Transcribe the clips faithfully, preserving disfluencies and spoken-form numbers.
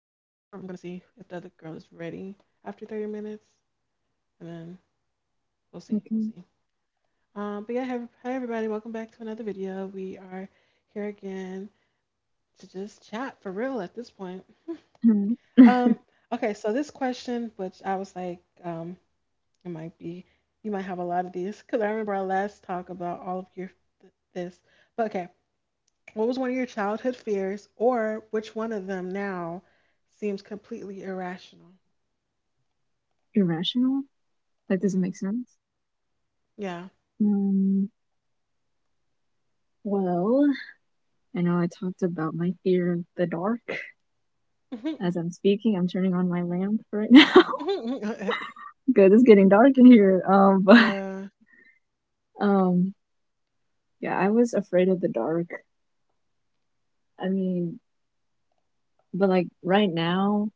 I'm going to see if the other girl is ready after thirty minutes. And then we'll see. We'll Okay. see. Um, but yeah, hi, hi everybody. Welcome back to another video. We are here again to just chat for real at this point. Alright. Um, okay, so this question, which I was like, um, it might be, you might have a lot of these because I remember our last talk about all of your th- this. But okay, what was one of your childhood fears, or which one of them now seems completely irrational? Irrational? Like, does it make Hmm. sense? Yeah. Um, well, I know I talked about my fear of the dark. Mm-hmm. As I'm speaking, I'm turning on my lamp right now. Good, it's getting dark in here. Um, but, Yeah. um, yeah, I was afraid of the dark. I mean, but like right now,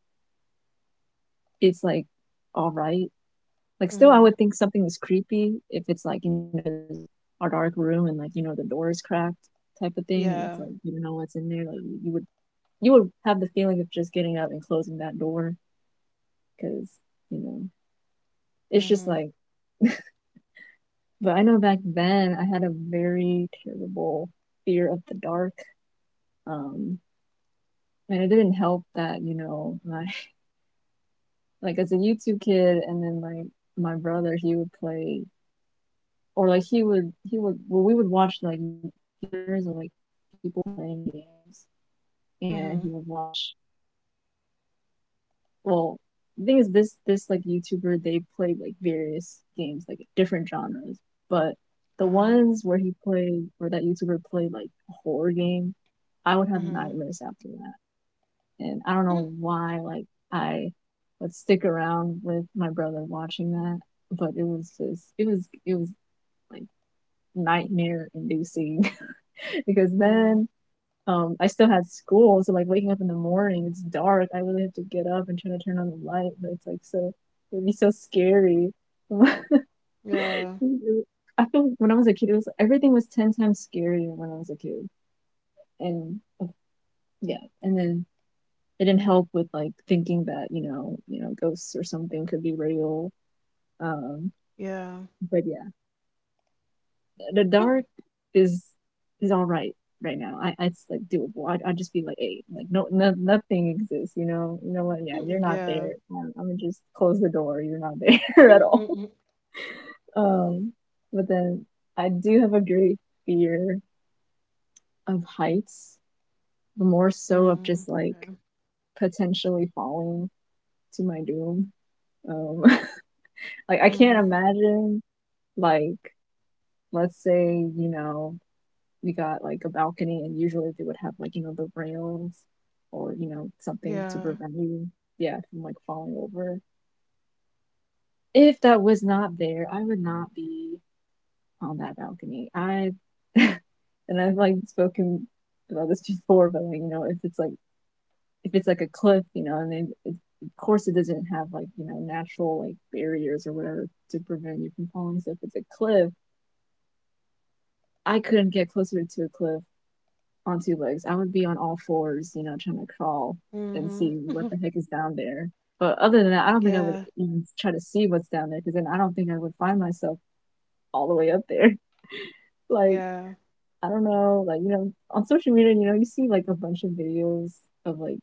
it's like all right. Like, still, I Hmm. would think something is creepy if it's like, you know, there's a dark room and like, you know, the door is cracked type of thing, and it's Yeah. like, you don't know what's in there. Like, you would you would have the feeling of just getting up and closing that door, because you know it's just Hmm. like. But I know back then I had a very terrible fear of the dark. Um, and it didn't help that you know my like as a YouTube kid, and then like my brother he would play or like he would he would well, we would watch like gamers or like people playing games, and he would Hmm. watch well the thing is this this like youtuber, they played like various games like different genres, but the ones Uh-huh. where he played, where that youtuber played like a horror game, I would have Hmm. nightmares after that. And I don't know why, like, I would stick around with my brother watching that, but it was just it was it was like nightmare inducing. Because then Mm. um I still had school, so like waking up in the morning, it's dark. I really have to get up and try to turn on the light, but it's like so it'd be so scary. Yeah. I feel like when I was a kid, it was everything was ten times scarier when I was a kid, and uh, yeah, and then it didn't help with like thinking that you know you know ghosts or something could be real. Um, Yeah. but yeah, the dark is is all right right now. I it's like doable. I I just be like, hey, like no, no nothing exists. You know, you know what? Yeah, you're not Yeah. there. Mm. I'm, I'm gonna just close the door. You're not there at all. Mm. Um, but then I do have a great fear of heights, but more so of just like Okay. potentially falling to my doom. Um, like I can't Mm. imagine, like let's say you know we got like a balcony, and usually they would have like you know the rails or you know something to Yeah. prevent you, yeah, from like falling over. If that was not there, I would not be on that balcony. I and I've like spoken about this before, but like you know if it's like, if it's like a cliff, you know, and then it, of course it doesn't have like you know natural like barriers or whatever to prevent you from falling, so if it's a cliff, I couldn't get closer to a cliff on two legs. I would be on all fours, you know, trying to crawl and Hmm. see what the heck is down there. But other than that, I don't think I would Yeah. even try to see what's down there, because then I don't think I would find myself all the way up there. Like, Yeah. I don't know, like, you know, on social media, you know, you see like a bunch of videos of like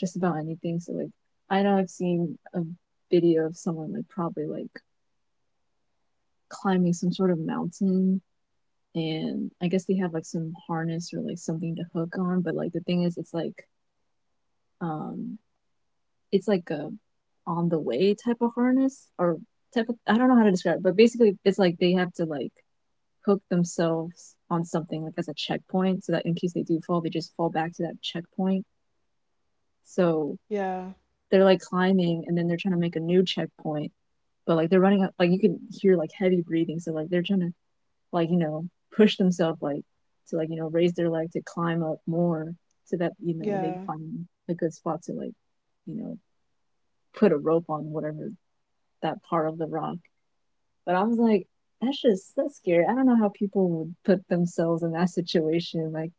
just about anything. So, like, I know I've seen a video of someone like probably like climbing some sort of mountain, and I guess they have like some harness or like something to hook on, but like the thing is, it's like um it's like a, on the way type of harness or type of, I don't know how to describe it, but basically it's like they have to like hook themselves on something like as a checkpoint, so that in case they do fall they just fall back to that checkpoint. So Yeah. they're like climbing and then they're trying to make a new checkpoint. But like they're running up, like you can hear like heavy breathing. So like they're trying to, like, you know, push themselves, like to like, you know, raise their leg to climb up more so that, you know, they Yeah. find a good spot to like, you know, put a rope on whatever that part of the rock. But I was like, that's just that's scary. I don't know how people would put themselves in that situation, like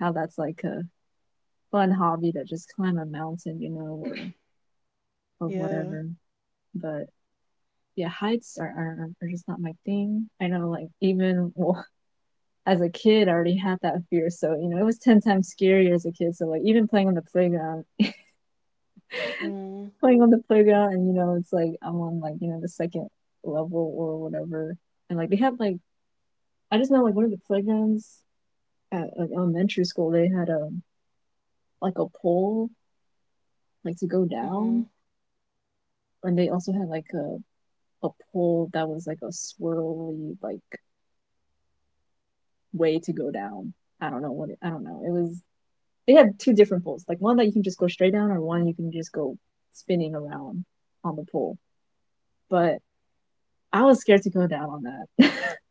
how that's like a fun hobby to just climb a mountain, you know, or or Yeah. whatever. But yeah, heights are, are, are just not my thing. I know, like even well, as a kid, I already had that fear, so you know, it was ten times scarier as a kid. So like even playing on the playground, Mm-hmm. playing on the playground, and you know it's like I'm on like you know the second level or whatever, and like they had like, I just know like one of the playgrounds at like elementary school, they had a like a pole like to go down, and they also had like a, a pole that was like a swirly like way to go down. i don't know what it, I don't know, it was, they had two different poles, like one that you can just go straight down or one you can just go spinning around on the pole, but I was scared to go down on that.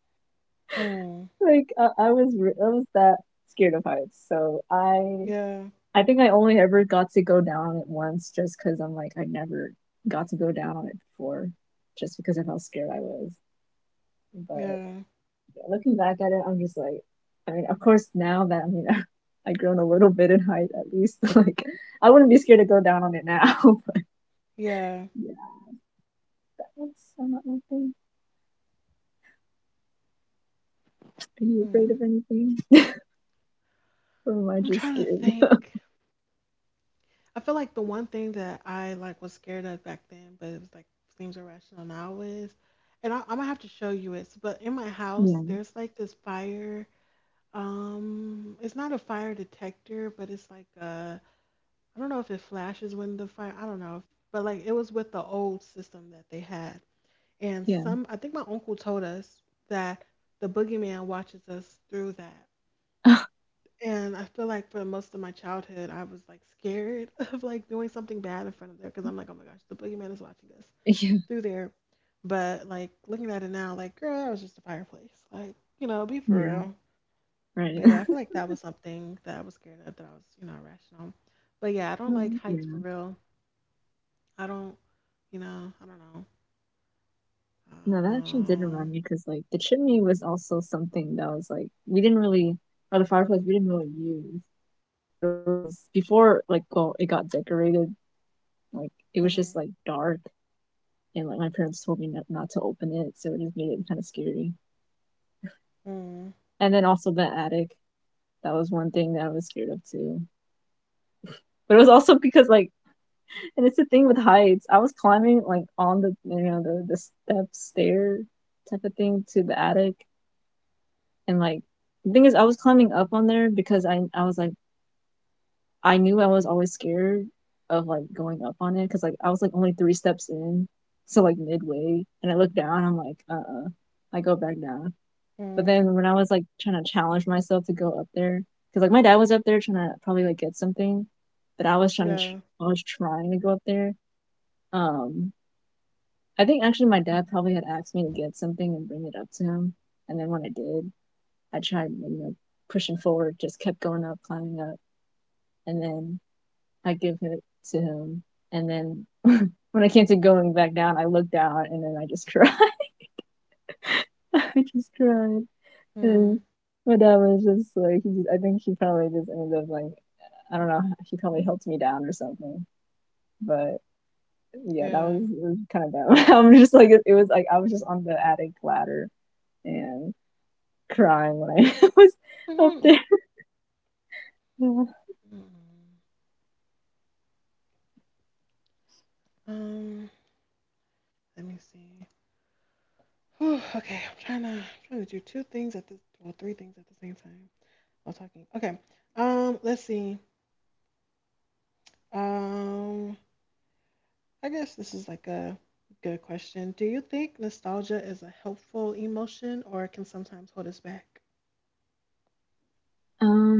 Mm-hmm. Like I, I was re- I was that scared of heights. So I Yeah, I think I only ever got to go down on it once, just cuz I'm like I never got to go down on it before, just because of how scared I was. But yeah, yeah, looking back at it, I'm just like, I mean, of course now that, I mean I've grown a little bit in height at least, like I wouldn't be scared to go down on it now. yeah. But yeah, that's not my thing. Are you afraid Hmm. of anything? or am I I'm just trying to scared? think. I feel like the one thing that I like was scared of back then, but it was like seems irrational now is, and I, I'm gonna have to show you it. But in my house, Yeah. there's like this fire. Um, it's not a fire detector, but it's like uh, I don't know if it flashes when the fire. I don't know, but like it was with the old system that they had, and Yeah. some. I think my uncle told us that the boogeyman watches us through that. And I feel like for most of my childhood, I was like scared of like doing something bad in front of there because I'm like, oh my gosh, the boogeyman is watching us Yeah. through there. But like looking at it now, like, girl, that was just a fireplace. Like, you know, be for Yeah. real. Right. But yeah, I feel like that was something that I was scared of that I was, you know, irrational. But yeah, I don't like Um, yeah. heights for real. I don't, you know, I don't know. No, that actually did Um, remind me, because like the chimney was also something that was like we didn't really, or the fireplace we didn't really use, but it was always before like, well it got decorated, like it was mhm, just like dark, and like my parents told me not, not to open it, so it just made it kind of scary. mm, And then also the attic, that was one thing that I was scared of too. But it was also because like, and it's the thing with heights, I was climbing like on the you know the the step stair type of thing to the attic, and like the thing is, I was climbing up on there because I I was like, I knew I was always scared of like going up on it, because like I was like only three steps in, so like midway, and I look down. I'm like, uh, uh I go back down. But mm, then when I was like trying to challenge myself to go up there, because like my dad was up there trying to probably like get something, but I was trying to yeah, I was trying to go up there. Um, I think actually my dad probably had asked me to get something and bring it up to him, and then when I did, I tried, you know, pushing forward, just kept going up, climbing up, and then I give it to him. And then when I came to going back down, I looked down and then I just cried. I just cried. And mm, my dad was just like, he just, I think he probably just ended up like, I don't know, he probably helped me down or something. But yeah, that yeah. was, it was kind of bad. I'm just like, it was like I was just on the attic ladder and crying when I was up Mm-hmm. there. Mm-hmm. Mm-hmm. Um, Let me see. Whew, okay, I'm trying to I'm trying to do two things at this, well, three things at the same time while talking. Okay, um, let's see. Um, I guess this is like a good question. Do you think nostalgia is a helpful emotion or can sometimes hold us back? Um,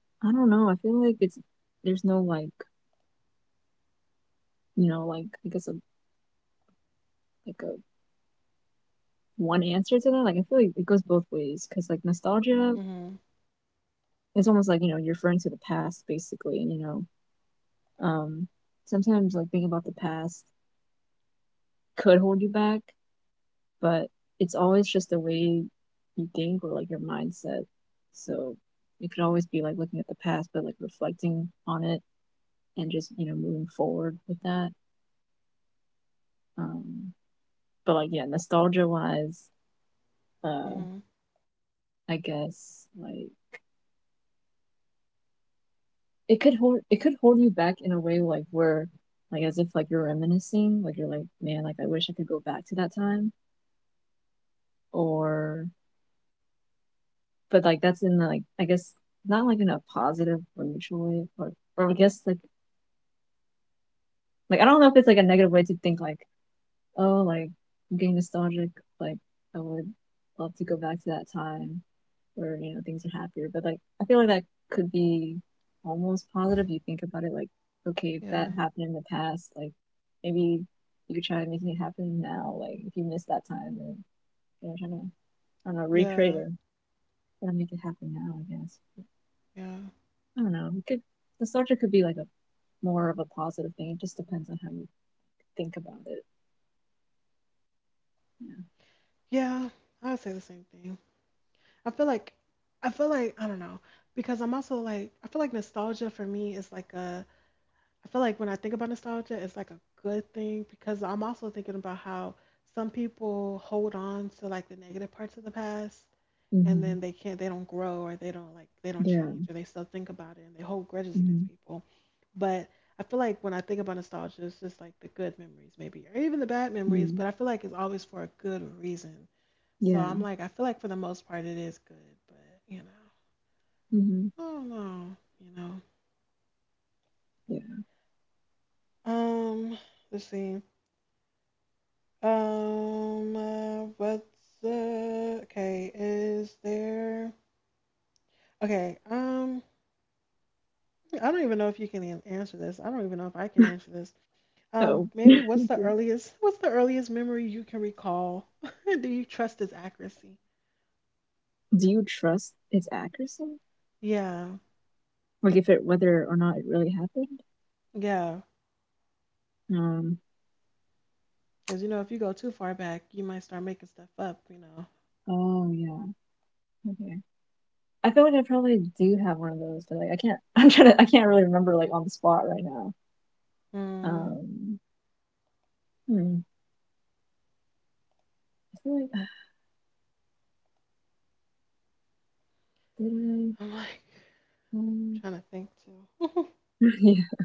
I don't know. I feel like it's there's no like, you know, like I guess a, like a one answer to that. Like I feel like it goes both ways, because like nostalgia, Mhm. it's almost like you know you're referring to the past basically, and you know um sometimes like thinking about the past could hold you back, but it's always just the way you think or like your mindset. So it could always be like looking at the past, but like reflecting on it and just you know moving forward with that. Um, but like yeah, nostalgia wise. Uh, Mhm. I guess. Like it could hold it could hold you back in a way, like where like as if like you're reminiscing, like you're like, man, like I wish I could go back to that time or but like that's in, like I guess not like in a positive or neutral way, or or I guess like like I don't know if it's like a negative way to think, like oh, like I'm getting nostalgic. Like I would love to go back to that time where, you know, things are happier. But like I feel like that could be almost positive. You think about it like, okay, if that Yeah. happened in the past, like maybe you could try to making it happen now. Like if you miss that time, then you know, trying to I don't know, recreate Yeah. or trying to make it happen now, I guess. Yeah. I don't know. It could nostalgia could be like a more of a positive thing. It just depends on how you think about it. Yeah. I would say the same thing. I feel like I feel like I don't know because I'm also like I feel like nostalgia for me is like a I feel like when I think about nostalgia, it's like a good thing because I'm also thinking about how some people hold on to like the negative parts of the past Yeah. and Mm-hmm. then they can't, they don't grow or they don't like, they don't Yeah. change or they still think about it and they hold grudges against Mm-hmm. people. But I feel like when I think about nostalgia, it's just like the good memories, maybe, or even the bad memories, but Mm-hmm. I feel like it's always for a good reason. So Yeah. I'm like, I feel like for the most part, it is good, but you know, Hmm. I don't know, you know. Yeah. Um, let's see. Um, uh, what's the okay? Is there okay? Um, I don't even know if you can an- answer this. I don't even know if I can answer this. Um, Oh. Maybe what's the Okay. earliest? What's the earliest memory you can recall? Do you trust its accuracy? Do you trust its accuracy? Yeah, Like if it whether or not it really happened? yeah. Um. Because you know, if you go too far back, you might start making stuff up. You know. Oh yeah. Okay. I feel like I probably do have one of those, but like I can't. I'm trying to. I can't really remember like on the spot right now. Mm, Um. Hmm. I feel like did I? I'm like Um, trying to think too. yeah.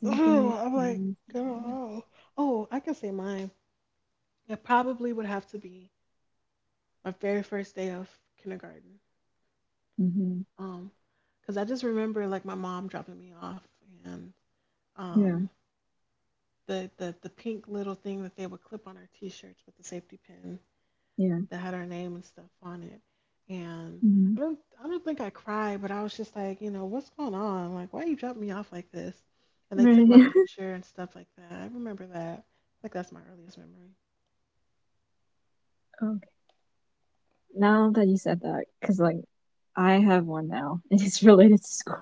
Something. Oh, I'm like, Mm-hmm. girl. Oh, I can say mine. It probably would have to be my very first day of kindergarten. Mm-hmm. Um, because I just remember like my mom dropping me off and Yeah. um the, the the pink little thing that they would clip on our t-shirts with the safety pin Yeah. that had our name and stuff on it. And I Hmm. don't I don't think I cried, but I was just like, you know, what's going on? Like, why you dropping me off like this? And they took my Right. picture and stuff like that. I remember that. Like that's my earliest memory. Okay. Now that you said that, because like I have one now, and it's related to school.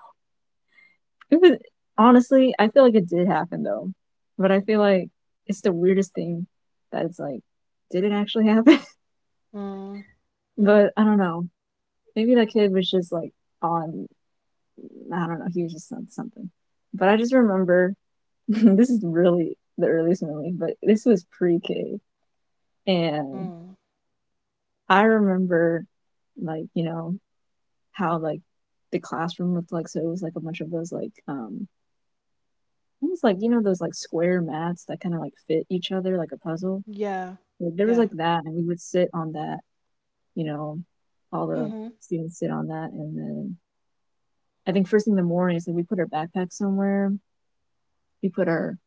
It was honestly, I feel like it did happen though, but I feel like it's the weirdest thing that it's like, did it actually happen? Mm, mm, But I don't know. Maybe that kid was just like on, I don't know. He was just on something. But I just remember, this is really the earliest memory, but this was pre-K, and mm. I remember like you know how like the classroom looked like. So it was like a bunch of those like um it like, you know, those like square mats that kind of like fit each other like a puzzle. Yeah, Like, there was yeah. like that, and we would sit on that. You know, all the Mhm. students sit on that, and then I think first thing in the morning is that we put our backpack somewhere. We put our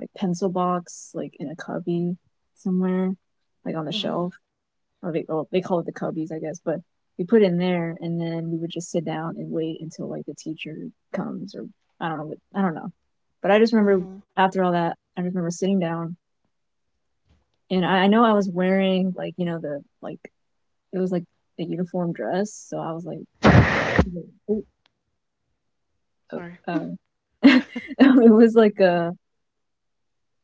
like pencil box like in a cubby somewhere, like on the Mhm. shelf, or they, well, they call it the cubbies, I guess, but we put in there and then we would just sit down and wait until like the teacher comes or I don't know, I don't know. But I just remember Mhm. after all that, I just remember sitting down and I, I know I was wearing like, you know, the like, it was like a uniform dress. So I was like, oh, oh, Sorry. um, it was like a,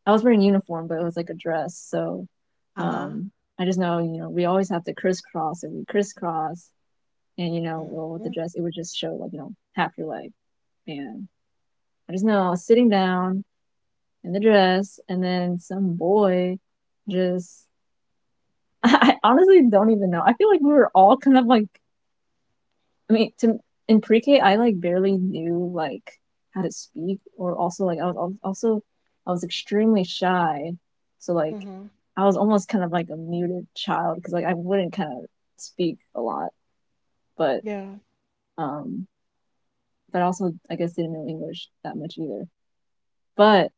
I was wearing a uniform, but it was like a dress. So, Uh-huh. um, I just know, you know, we always have to crisscross and we crisscross and you know, Mm. well, with the Mhm, dress, it would just show like you know half your leg, and I just know I was sitting down in the dress, and then some boy just I I honestly don't even know. I feel like we were all kind of like I mean, to in pre-K, I like barely knew like how to speak, or also like I was also I was extremely shy, so like mhm. I was almost kind of like a muted child because like I wouldn't kind of speak a lot, but Yeah. um but also I guess didn't know English that much either. But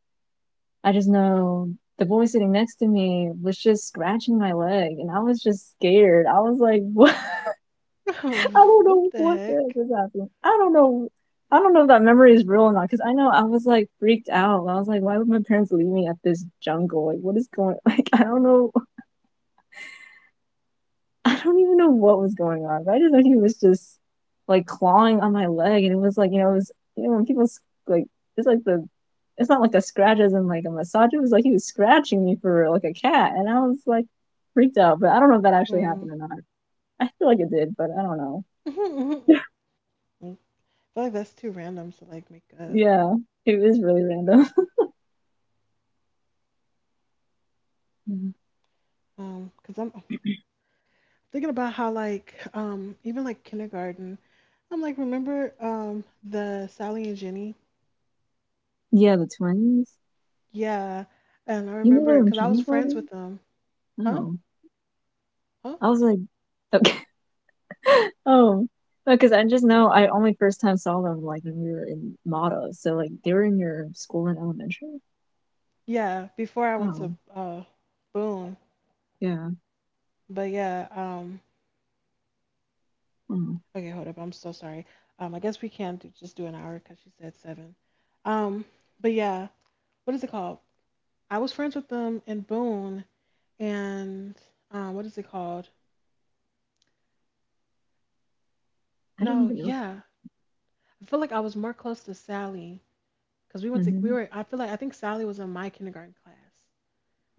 I just know the boy sitting next to me was just scratching my leg and I was just scared. I was like, what? I don't What know the what the heck heck? is happening. I don't know. I don't know if that memory is real or not because I know I was like freaked out. I was like, why would my parents leave me at this jungle? Like, what is going? Like, I don't know. I don't even know what was going on. But I just know he was just like clawing on my leg, and it was like you know, it was you know when people like it's like the it's not like a scratch as in like a massage. It was like he was scratching me for like a cat, and I was like freaked out. But I don't know if that actually Mm. happened or not. I feel like it did, but I don't know. Mm. I feel like that's too random to like make up. Yeah, it was really random. Um, cause I'm thinking about how like um even like kindergarten, I'm like remember um the Sally and Jenny? Yeah, the twins. Yeah, and I You knew remember them in cause I was friends kindergarten? with them. Huh? Oh, Huh? I was like, okay. Oh, because I just know I only first time saw them like when we were in Mata. So like they were in your school in elementary. Yeah, before I went Oh, to uh Boone. yeah. But yeah. um, Oh, Okay, hold up. I'm so sorry. Um, I guess we can do, just do an hour because she said seven. Um, but yeah, what is it called? I was friends with them in Boone, and um, what is it called? I didn't No, even know yeah, I feel like I was more close to Sally because we that. went to we Mm-hmm. were. I feel like I think Sally was in my kindergarten class.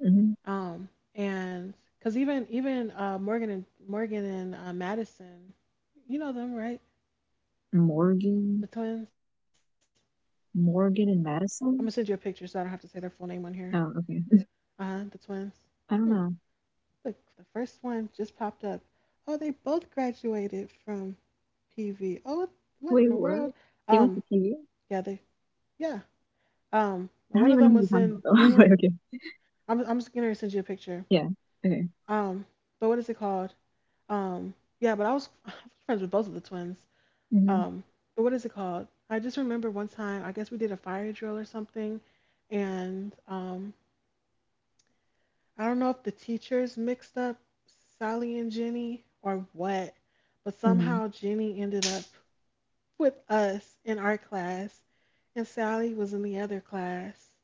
Mm-hmm. Um, and because even even uh, Morgan and Morgan and uh, Madison, you know them, right? The Morgan, twins. I'm gonna send you a Morgan and picture so I don't have to Madison. say their full name on here. Oh, Uh huh. okay. The twins. Hmm. I don't know. Look, the first one just popped up. Oh, they both graduated from P V. Oh, what in the Wait, world? what? They Um, went to T V? yeah, they, yeah. Um, and Don't one of even know them who you're was talking in. about though. Remember, But okay. I'm, I'm just gonna send you a picture. Yeah. Okay. Um, but what is it called? Um, yeah, but I was, I was friends with both of the twins. Mm-hmm. Um, but what is it called? I just remember one time. I guess we did a fire drill or something, and um, I don't know if the teachers mixed up Sally and Jenny or what, but Mm-hmm. somehow Jenny ended up with us in our class and Sally was in the other class.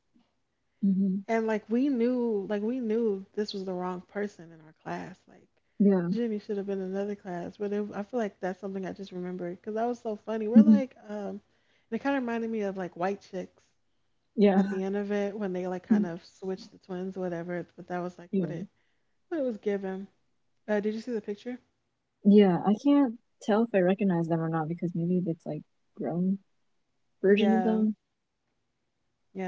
Mm-hmm. And like we knew, like we knew this was the wrong person in our class. Like Yeah. Jenny should have been in another class, but it, I feel like that's something I just remembered because that was so funny. We're Mhm. like, um, and it kind of reminded me of like White Chicks Yeah. at the end of it when they like kind of switched the twins or whatever. But that was like what Yeah. it what it was given. Uh, did you see the picture? Yeah. I can't tell if I recognize them or not because maybe it's like grown version of Yeah, them.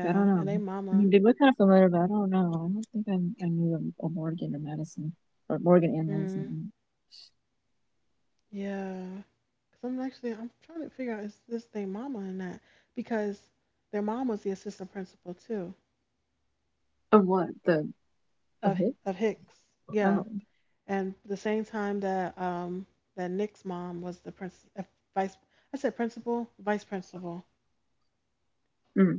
I don't know. And they I mean, mama. they look kind of familiar, but I don't know. I don't think I, I knew of Morgan or Madison, or Morgan and Mm, Madison. yeah. Cause I'm actually I'm trying to figure out is this thing mama or not because their mom was the assistant principal too Of what? The of Of it? of Hicks. Yeah, Oh, and the same time that um that Nick's mom was the prince uh, vice I said principal vice principal. mm.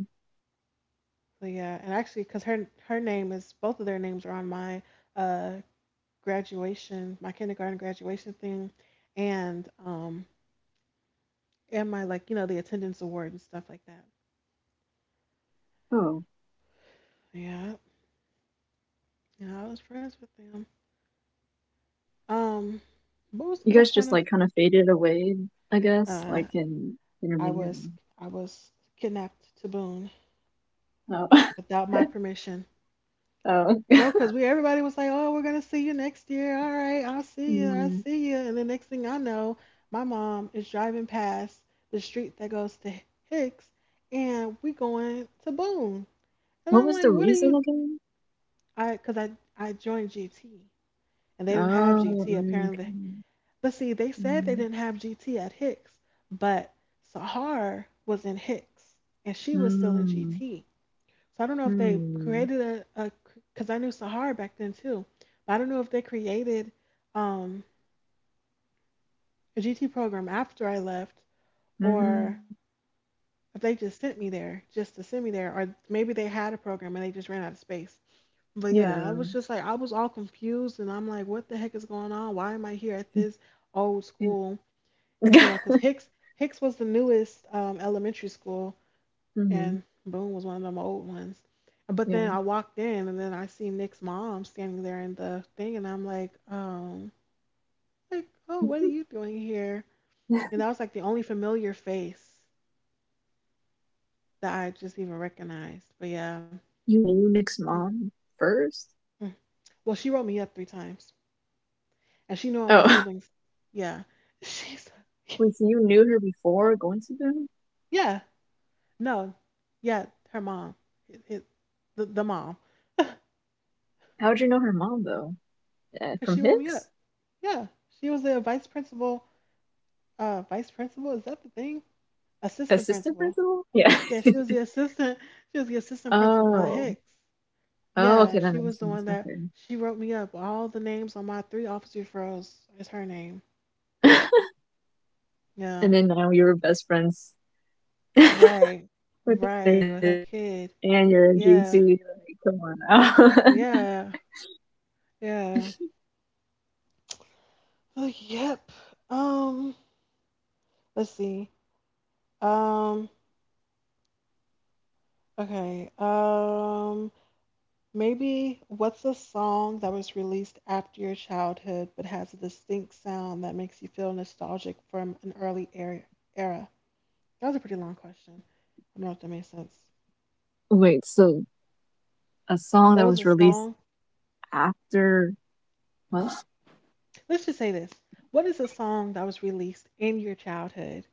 So yeah, and actually because her her name is both of their names are on my uh graduation my kindergarten graduation thing and um and my like you know the attendance award and stuff like that. Oh. Yeah, you know I was friends with them. Um, what was the You whole guys point just of? like kind of faded away, I guess, Uh, like in I intermediate. was I was kidnapped to Boone Oh, without my permission. oh. No, because we everybody was like, oh, we're gonna see you next year. All right, I'll see you. I'll Yeah. see you. And the next thing I know, my mom is driving past the street that goes to Hicks, and we going to Boone. And I'm What like, was what the are you? reason again? I because I I joined G T and they didn't have Oh, G T. mm, Apparently. okay. But see, they said they didn't Mm, have G T at Hicks, but Sahar was in Hicks and she was still in mm, G T. So I don't know if they created mm, a, a because I knew Sahar back then too, but I don't know if they created um, a G T program after I left or mm, if they just sent me there just to send me there or maybe they had a program and they just ran out of space. But yeah, I was just yeah. like I was all confused and I'm like, what the heck is going on? Why am I here at this old school? You know, because Hicks Hicks was the newest um, elementary school, and Mm, Boone was one of them old ones. But then I yeah. walked in, and then I see Nick's mom standing there in the thing, and I'm like, um, like, oh, what are you Mm-hmm. doing here? And that was like the only familiar face that I just even recognized. But yeah. You knew Nick's mom first? Mm. Well, she wrote me up three times, and she knew all my Oh, siblings. Yeah, she's wait, so you knew her before going to them? yeah, no, yeah, her mom, it, it, the the mom. How'd you know her mom, though? Uh, because from she wrote me Hicks? up. Yeah, she was the vice principal. Uh, vice principal, is that the thing? Assistant Assistant principal. principal? Yeah. Yeah, she was the assistant. She was the assistant principal at Oh. Hicks. Yeah, Oh, and okay, she that was the makes one sense. that she wrote me up. All the names on my three officer referrals is her name. Okay. Yeah, And then now you're best friends right, with their right, with her kid, kid. and you're a Yeah, G C. Like, come on now. yeah, yeah. Oh, yep. Um, let's see. Um, okay. Um, Maybe what's a song that was released after your childhood but has a distinct sound that makes you feel nostalgic from an early era? era? That was a pretty long question. I don't know if that made sense. Wait, so a What song was that a was song? released after what? Let's just say this. What is a song that was released in your childhood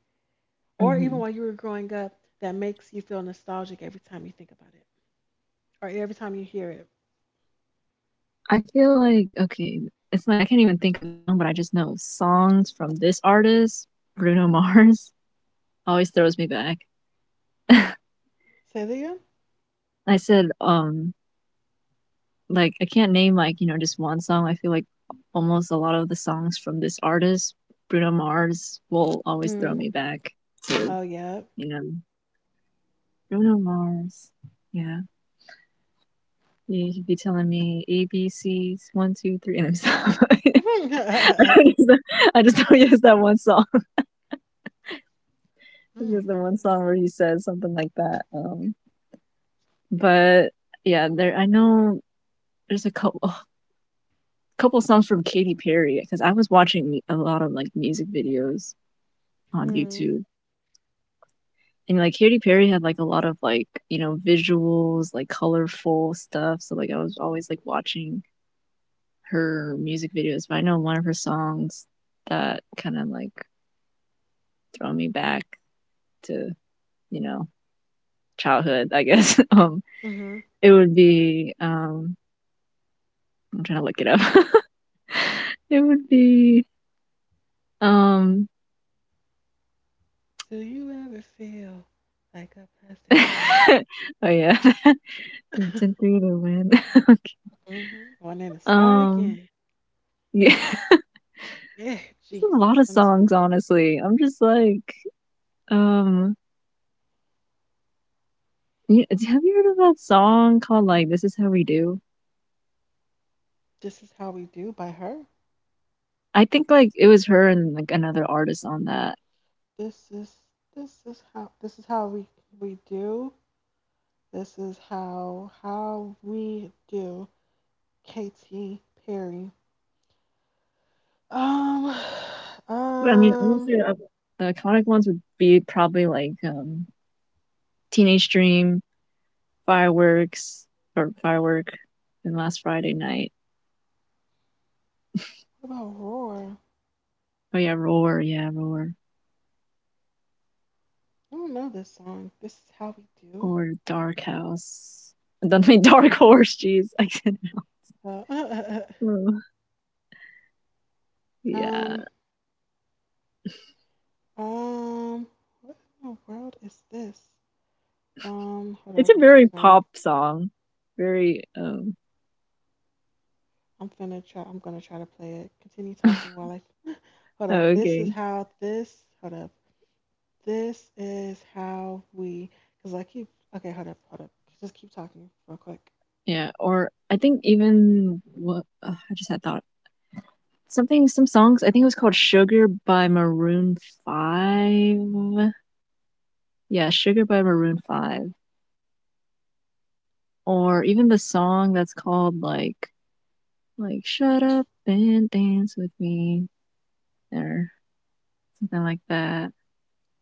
or even while Hmm. you were growing up that makes you feel nostalgic every time you think about it or every time you hear it? I feel like okay, it's like I can't even think of a song, but I just know songs from this artist, Bruno Mars, always throws me back. Say that again? I said, um, like I can't name like you know just one song. I feel like almost a lot of the songs from this artist, Bruno Mars, will always throw Hmm. me back to Oh, yeah. you know Bruno Mars. Yeah, you should be telling me A B C's one two three, and I'm sorry. oh, I just don't use that one song. Because my the one God. song where he says something like that. Um, but yeah, there I know there's a couple a couple songs from Katy Perry because I was watching a lot of like music videos on Hmm. YouTube. And like Katy Perry had like a lot of like, you know, visuals, like colorful stuff. So like I was always like watching her music videos. But I know one of her songs that kind of like throw me back to, you know, childhood, I guess. Um Mm-hmm. it would be um I'm trying to look it up. It would be um Do you ever feel like a plastic oh bag? yeah. Third century the wind. Okay. hmm Wanting to start Um again? yeah. There's Yeah. a Jesus, lot of let me stop. songs honestly. I'm just like um you, have you heard of that song called like This Is How We Do? This is how we do by her. I think like it was her and like another artist on that. This is this is how this is how we we do. This is how how we do. Katy Perry. Um, But I mean honestly um, uh, the iconic ones would be probably like um Teenage Dream, Fireworks or Firework and Last Friday Night. what about Roar? Oh yeah, Roar, yeah, Roar. I don't know this song. This is how we do. Or Dark House. I don't mean Dark Horse, jeez. I can't help. Uh, Oh, yeah. um, Um, what in the world is this? Um, hold It's up. a I'm so very sorry. pop song. Very um I'm finna try. I'm gonna try to play it. Continue oh, talking while I. Hold up. This is okay. how this. Hold up. This is how we. Cause I keep. Okay. Hold up. Hold up. Just keep talking real quick. Yeah, or I think even what uh, I just had thought something some songs, I think it was called Sugar by Maroon five. Yeah, Sugar by Maroon five. Or even the song that's called like like shut up and dance with me or something like that.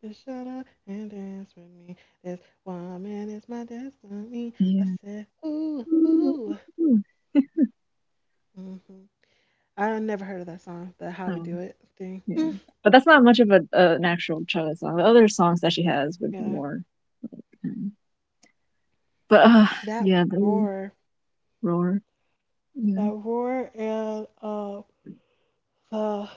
Just shut up and dance with me. This woman is my destiny. I Yeah. said, ooh, ooh. Hmm I never heard of that song. The how we do Um, it thing. yeah, but that's not much of a, a an actual Chaga song. The other songs that she has would be Yeah. more. Um, but uh, That yeah, the roar. roar. Yeah, that roar and uh the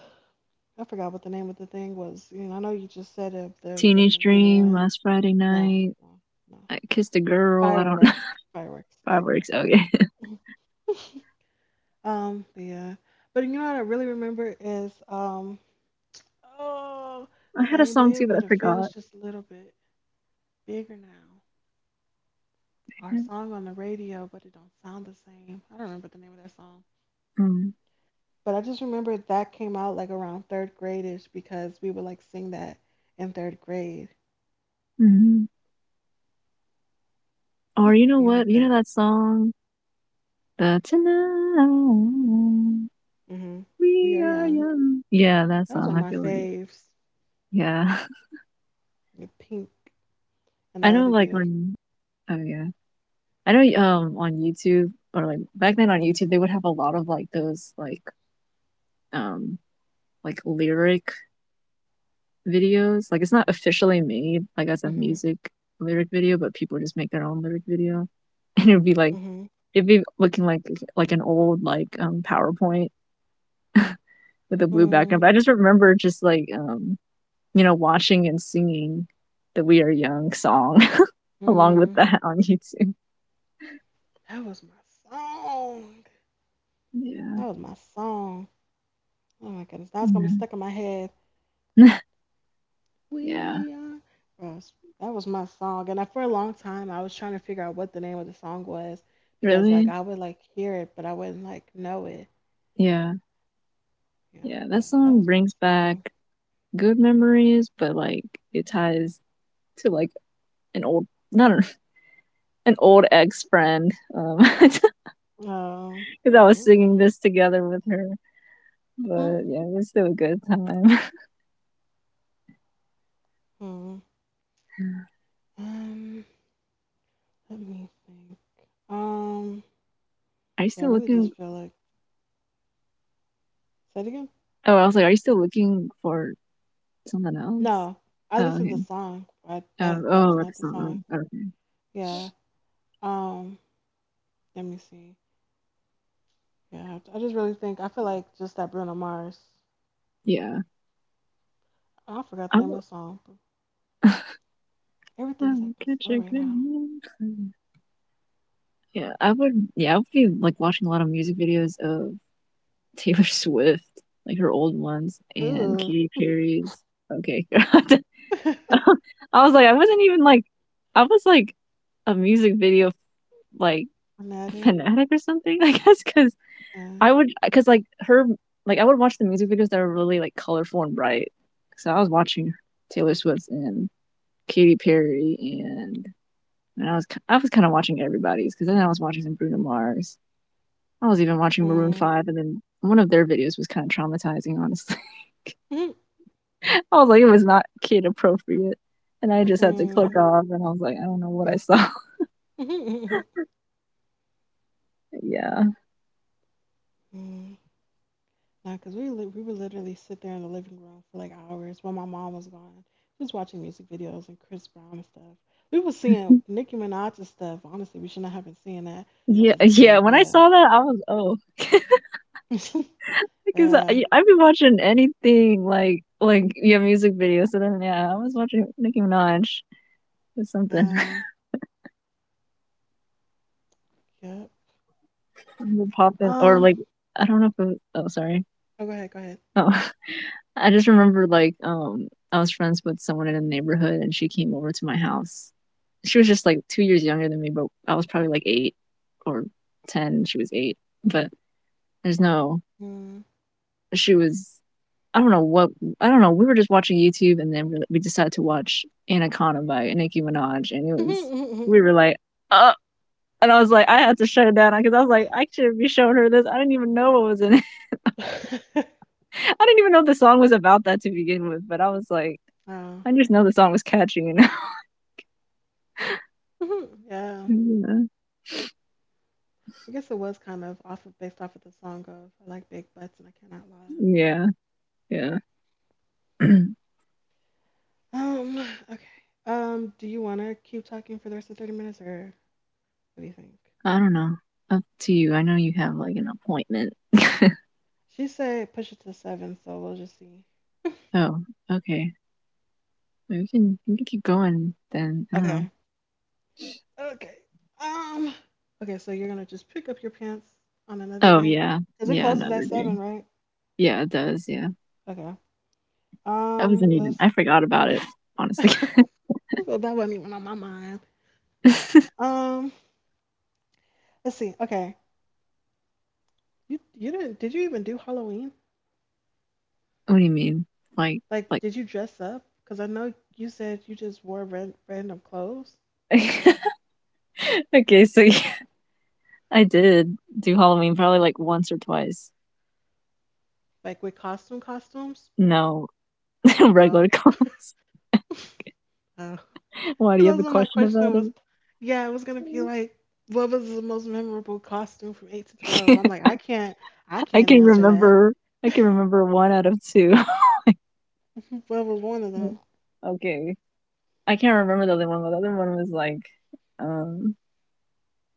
I forgot what the name of the thing was. You know, I know you just said it up there teenage drifting through the dream. wind. Last Friday No, night, no, no, I no. kissed a girl. I don't know. Fireworks. Fireworks. There you go, Fireworks. Okay, fireworks. Um, yeah. But you know what I really remember is um oh I had a same song too, bed, but I but it feels forgot. just a little bit bigger now. Our song on the radio, but it don't sound the same. I don't remember the name of that song. Mm. But I just remember that came out like around third grade ish because we would like sing that in third grade. Hmm. Or you know Being up what? You know there. that song, the tonight Hmm We we are are young. young. Yeah, that That was one song. of I my feel like faves. yeah. The pink and the I know other like dude. when. Oh yeah. I know um on YouTube or like back then on YouTube they would have a lot of like those like um like lyric videos. Like it's not officially made like Hmm as a music lyric video, but people just make their own lyric video. And it'd be like hmm it'd be looking like like an old like um PowerPoint with a blue mm background. But I just remember just like um you know watching and singing the We Are Young song along with Mm. that on YouTube. That was my song. Yeah. That was my song. Oh my goodness. Now it's gonna be Yeah. stuck in my head. Yeah. We are Ross. That was my song. And I, for a long time I was trying to figure out what the name of the song was because like Really? I would like hear it but I wouldn't like know it. Yeah. Yeah, Yeah, that but that song was my brings back song. good memories, but like it ties to like an old not an, an old ex friend um because Oh. I was singing Mm-mm. this together with her. But yeah, it was still a good time. Mm-mm. Um, let me think. Um, Are you yeah, I still really just looking? feel like say it again. Oh, I was like, are you still looking for something else? No, I Oh, listened to okay. the song, but Um, that that oh, was not the that's not. oh, song. Okay. Yeah. Um, let me see. Yeah, I just really think I feel like just that Bruno Mars. Yeah, I forgot the I name would of the song, but everything is um, acting catch slow a right good now. mood. Yeah, I would. Yeah, I would be like watching a lot of music videos of Taylor Swift, like her old ones, and Ooh. Katy Perry's. Okay, I was like, I wasn't even like, I was like a music video like Fanatic. fanatic or something. I guess because Uh, I would, because like her, like I would watch the music videos that are really like colorful and bright. So I was watching Taylor Swift and Katy Perry, and, and I was I was kind of watching everybody's because then I was watching some Bruno Mars. I was even watching Maroon mm, Five, and then one of their videos was kind of traumatizing, honestly. mm, I was like, it was not kid appropriate. And I just had to click off and I was like, I don't know what I saw. mm, Yeah. mm, Nah, because we, li- we would literally sit there in the living room for like hours while my mom was gone, just watching music videos and Chris Brown and stuff. We were seeing Nicki Minaj's stuff. Honestly, we should not have been seeing that Yeah. as a Yeah. kid, but When I yeah. saw that, I was, oh, because yeah. I, I've been watching anything like, like, yeah, music videos. So then, yeah, I was watching Nicki Minaj or something. Uh, yep. Popping, or Um, like, I don't know if it was, oh, sorry. oh, go ahead, go ahead. Oh, I just remember like um I was friends with someone in the neighborhood and she came over to my house. She was just like two years younger than me, but I was probably like eight or ten. She was eight. But there's no Mm. she was I don't know what I don't know. We were just watching YouTube and then we, we decided to watch Anaconda by Nicki Minaj and it was we were like uh and I was like I had to shut it down because I was like I shouldn't be showing her this. I didn't even know what was in it. I didn't even know the song was about that to begin with, but I was like Uh-huh. I just know the song was catchy, you Mhm, yeah. know. I guess it was kind of off of based off of the song of I like big butts and I cannot lie. Yeah, yeah. Yeah. Um. Okay. Um. Do you want to keep talking for the rest of thirty minutes, or what do you think? I don't know. Up to you. I know you have like an appointment. She said push it to seven, so we'll just see. Oh, okay. We can we can keep going then. I don't know. Okay. Okay. Um. Okay. So you're gonna just pick up your pants on another Oh day, yeah, cause it yeah. closes Another at day. seven, right? Yeah, it does. Yeah, Okay. I Um. wasn't even. I Let's. forgot about it. Honestly. Well, that wasn't even on my mind. What Um. Let's see. Okay. You you didn't? Did you even do Halloween? do you mean? Like Like, like. did you dress up? Cause I know you said you just wore ran, random clothes. Okay, so yeah, I did do Halloween probably like once or twice. like with costume costumes. No Oh, regular class. oh, Why do you have because a what my question question about was, yeah, it was gonna be like, what was the most memorable costume from eight to twelve? it? I'm like, I can't, I I can't can answer that. remember I can remember one out of two. what was one of them? Okay. I can't remember the other one, but the other one was like um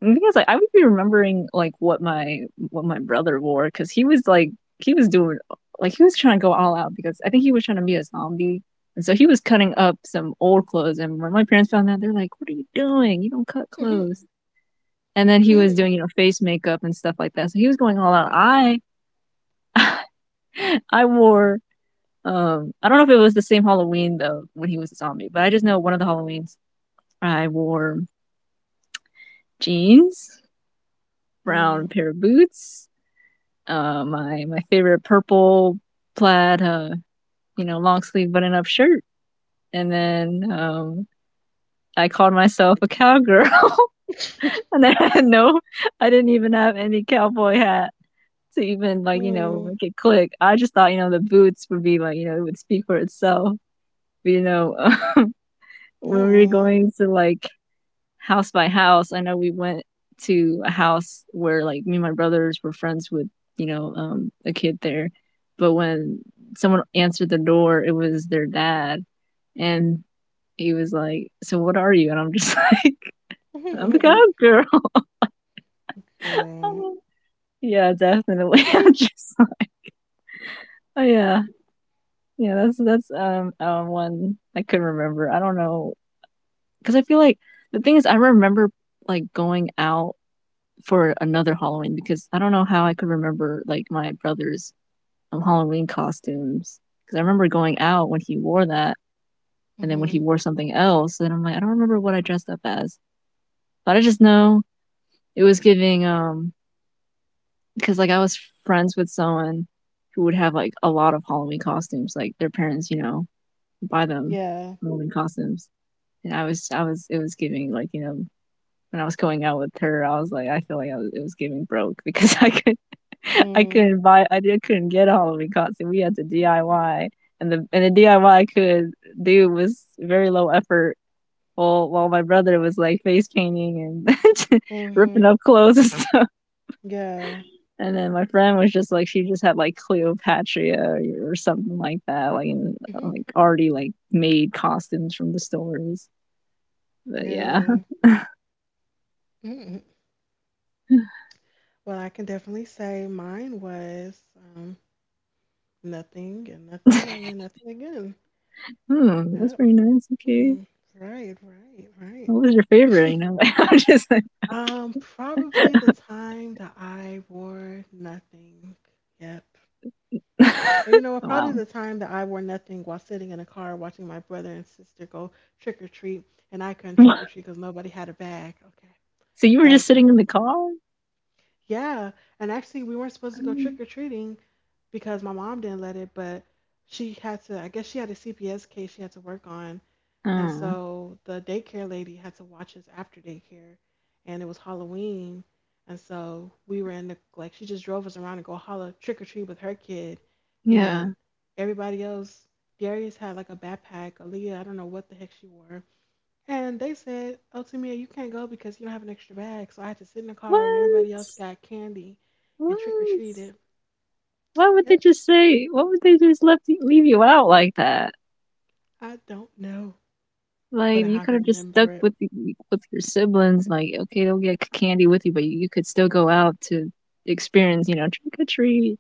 because like I would be remembering like what my what my brother wore cuz he was like he was doing like he was trying to go all out because I think he was trying to be a zombie. And so he was cutting up some old clothes and when my parents found out they're like, "What are you doing? You don't cut clothes." And then he was Mhm. doing, you know, face makeup and stuff like that. So he was going all out. I I wore Um, I don't know if it was the same Halloween though when he was a zombie, but I just know one of the Halloweens I wore jeans, brown Mm, pair of boots, uh, my my favorite purple plaid, uh, you know, long sleeve button up shirt, and then um, I called myself a cowgirl, and I had no, I didn't even have any cowboy hat to even like you know mm, make it click. I just thought you know the boots would be like you know it would speak for itself. But, you know, when we were mm. going to like house by house. I know we went to a house where like me and my brothers were friends with, you know, um, a kid there. But when someone answered the door, it was their dad. And he was like, so what are you? And I'm just like, I'm a god girl. Girl. Yeah, definitely. Hmm. I'm just like, oh yeah. Yeah, that's that's um, um one I couldn't remember. I don't know because I feel like the thing is I remember like going out for another Halloween because I don't know how I could remember like my brother's um, Halloween costumes because I remember going out when he wore that and then when hmm he wore something else then I'm like I don't remember what I dressed up as but I just know it was giving um because like I was friends with someone who would have like a lot of Halloween costumes like their parents you know buy them Yeah. Halloween costumes and I was I was it was giving like you know when I was going out with her, I was like, I feel like I was, it was giving broke because I could, I Mm, couldn't buy, I did, couldn't get a Halloween costume. We had to D I Y, and the and the D I Y could do was very low effort. While while my brother was like face painting and ripping mm-hmm. up clothes and stuff, Yeah. and then my friend was just like she just had like Cleopatra or, or something like that, like in, Mhm. like already like made costumes from the stores. But yeah, Yeah. Mhm. Well, I can definitely say mine was. Nothing and nothing and then nothing again. hmm, that's Yep. pretty nice. Okay. Hmm. Right, right, What was your right. favorite? You know, I'm just like, Um, probably the time that I wore nothing. Yep. Or, you know what? Probably wow. the time that I wore nothing while sitting in a car watching my brother and sister go trick or treat, and I couldn't trick or treat because nobody had a bag. Okay, So you were that just was sitting in probably the mine. car? Yeah, and actually we weren't supposed to go trick or treating because my mom didn't let it, but she had to. I guess she had a C P S case she had to work on. And Oh, so the daycare lady had to watch us after daycare, and it was Halloween. And so we were in the like she just drove us around to go holla trick or treat with her kid, yeah. and everybody else. Darius had like a backpack. Aaliyah, I don't know what the heck she wore. And they said, "Oh, Tamia, you can't go because you don't have an extra bag." So I had to sit in the car, and everybody What? else got candy and trick or What? treated. Why would they Yep. just say? Why would they just left you, leave you out like that? I don't know, but Like you I could have just stuck remember it. with y- with your siblings. Like okay, they'll get candy with you, but you, you could still go out to experience, you know, trick or treat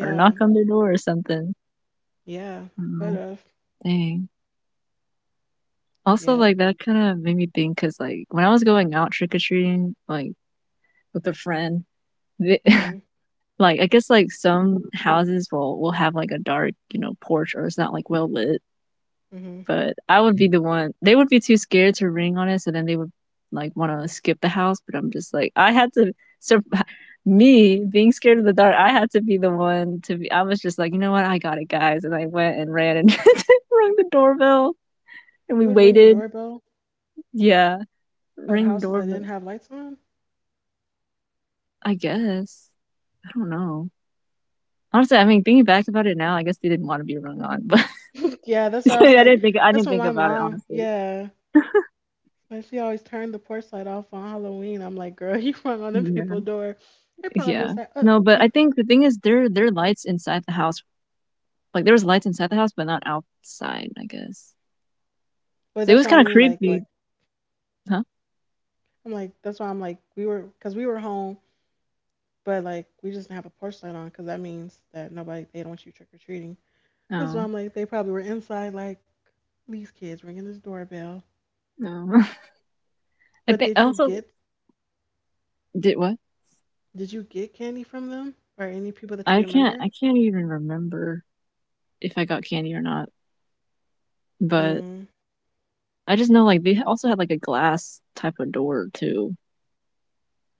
or knock on their door or something. yeah, I could Oh, have. dang. Also, Yep. like that kind of made me think because, like, when I was going out trick or treating, like with a friend, they, like I guess like some houses will will have like a dark, you know, porch or it's not like well lit. hmm But I would be the one. They would be too scared to ring on it, so then they would like want to skip the house. But I'm just like, I had to. So me being scared of the dark, I had to be the one to be. I was just like, you know what, I got it, guys, and I went and ran and rang the doorbell, and we You would ring the waited. doorbell Yeah, of ring houses that didn't doorbell. have lights on? I guess. I don't know. Honestly, I mean, thinking back about it now, I guess they didn't want to be rung on, but Yeah, that's why I was I like, didn't think I that's didn't what think my about it mom, honestly. yeah. But she always turned the porch light off on Halloween. I'm like, girl, you rung on them Yeah, people's door. They probably yeah. was like, uh, No, but uh. I think the thing is, there there are lights inside the house. Like there was lights inside the house, but not outside. I guess. but So it that's was what I kind of mean. Like, like creepy, huh? I'm like, that's why I'm like, we were, cause we were home, but like we just didn't have a porch light on, cause that means that nobody, they don't want you trick or treating. That's why No, I'm like, they probably were inside, like these kids ringing this doorbell. no. I But think I did you also get, did what? did you get candy from them or any people that you I can't. remember? I can't even remember if I got candy or not. But Mm, I just know like they also had like a glass type of door too.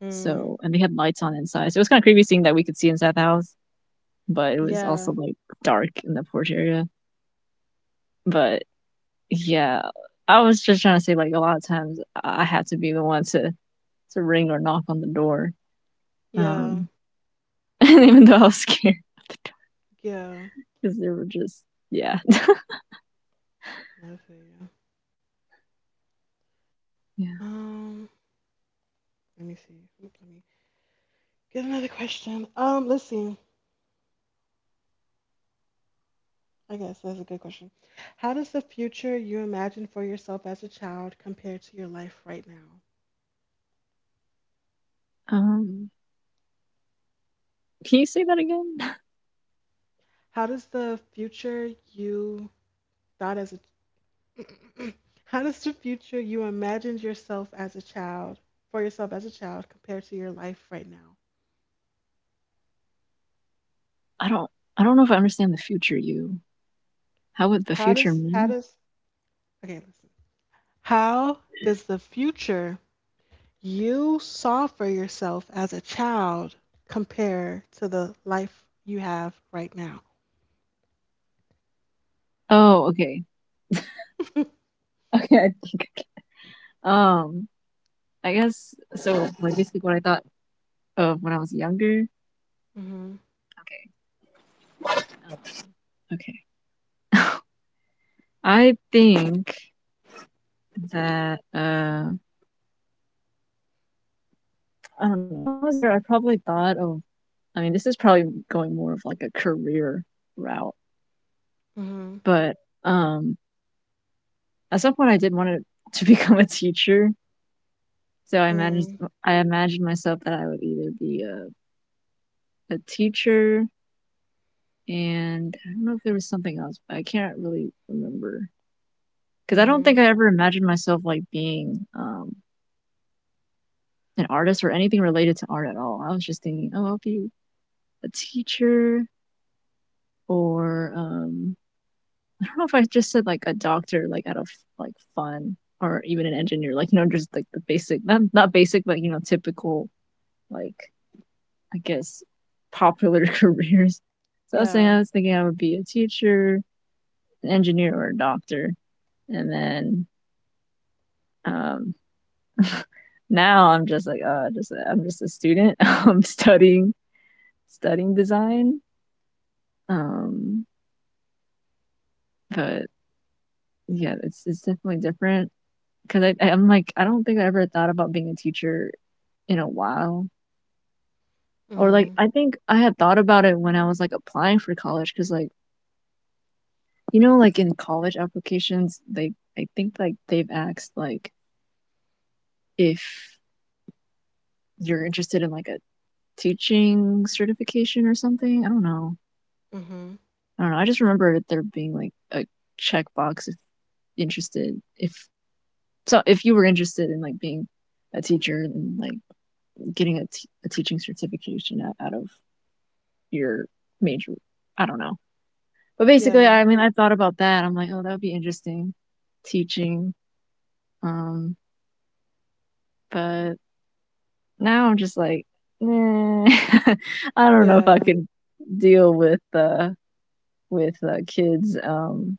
mm, So, and they had lights on inside. So it was kind of creepy seeing that we could see inside the house, but it was also yeah, like dark in the porch area. But yeah, I was just trying to say like a lot of times I had to be the one to to ring or knock on the door. yeah, Um, and even though I was scared of the door yeah. because they were just yeah I feel you. yeah. Um, let me see. Oop, let me get another question. Um, let's see. I guess that's a good question. How does the future you imagine for yourself as a child compare to your life right now? Um, can you say that again? How does the future you thought as a How does the future you imagined yourself as a child for yourself as a child compare to your life right now? I don't I don't know if I understand the future. You how would the How future does how mean? does Okay, listen. How does the future you saw for yourself as a child compare to the life you have right now? Oh, okay okay I think I can. um I guess so. Like basically what I thought of when I was younger. Mhm. Um, okay. I think that uh I don't know. When I was younger, I probably thought of I mean, this is probably going more of like a career route, Mhm. but um at some point I did want to, to become a teacher. So I managed Mhm. I imagined myself that I would either be a, a teacher and I don't know if there was something else, but I can't really remember because I don't think Mhm. I ever imagined myself like being um an artist or anything related to art at all. I was just thinking, oh, I'll be a teacher or um, I don't know if I just said like a doctor, like out of like fun, or even an engineer, like you know, just like the basic, not not basic, but you know, typical like I guess popular Yeah. careers. So I was saying I was thinking I would be a teacher, an engineer, or a doctor, and then um, now I'm just like uh, just I'm just a student. I'm studying studying design. Um, but yeah, it's it's definitely different because I I'm like I don't think I ever thought about being a teacher in a while. Or Mhm. like I think I had thought about it when I was like applying for college because like you know like in college applications they I think like they've asked like if you're interested in like a teaching certification or something. I don't know. Mhm. I don't know. I just remember there being like a checkbox if interested if so if you were interested in like being a teacher and like getting a, t- a teaching certification out- of your major. I don't know. But basically, Yeah, I mean, I thought about that. I'm like, oh, that would be interesting teaching. Um, but now I'm just like, eh, I don't know if I yeah, could deal with uh with uh, kids um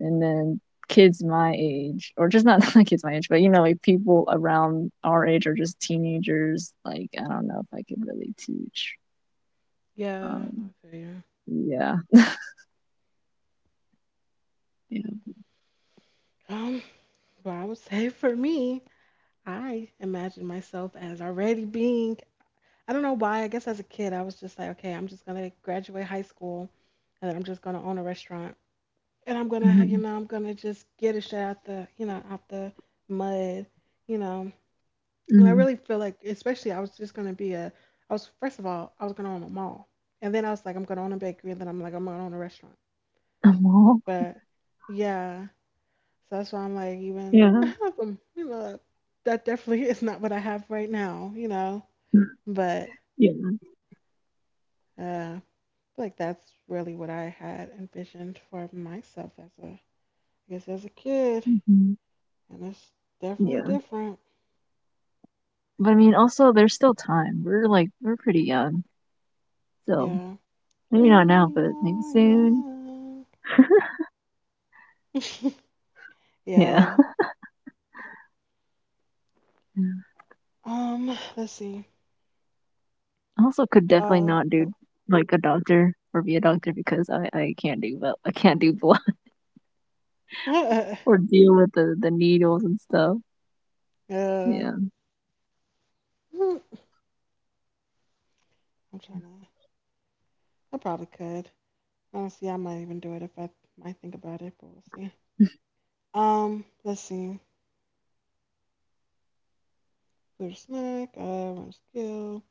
and then kids my age or just not not kids my age but you know like people around our age or just teenagers like I don't know if I could really teach yeah. No, um I feel you. yeah. Yeah. Um, well, I would say for me, I imagine myself as already being. I don't know why. I guess as a kid, I was just like, okay, I'm just gonna graduate high school and then I'm just gonna own a restaurant and I'm gonna, you Mm-hmm. know, I'm gonna just get it shit out the, you know, out the mud, you know. And I Mm-hmm. really feel like, especially, I was just gonna be a, I was first of all, I was gonna own a mall, and then I was like, I'm gonna own a bakery, and then I'm like, I'm gonna own a restaurant. A mall. But yeah, so that's why I'm like, even, Yeah. um, you know, that definitely is not what I have right now, you know. But Yeah. uh, I feel like that's really what I had envisioned for myself as a, I guess as a kid, Mm-hmm. and it's Yeah. definitely different. But I mean, also, there's still time. We're like, we're pretty young. So Yeah. maybe not We now, but maybe are soon. young. Yeah. Yeah. Um, let's see. I also could definitely not Uh, do oh. like a doctor or be a doctor because I I can't do vel- I can't do blood yeah. or deal with the the needles and stuff. Mm, Yeah. I'm trying to. I probably could. Honestly, I might even do it if I might think about it, but we'll see. Um, let's see. Food or snack, uh, random skill.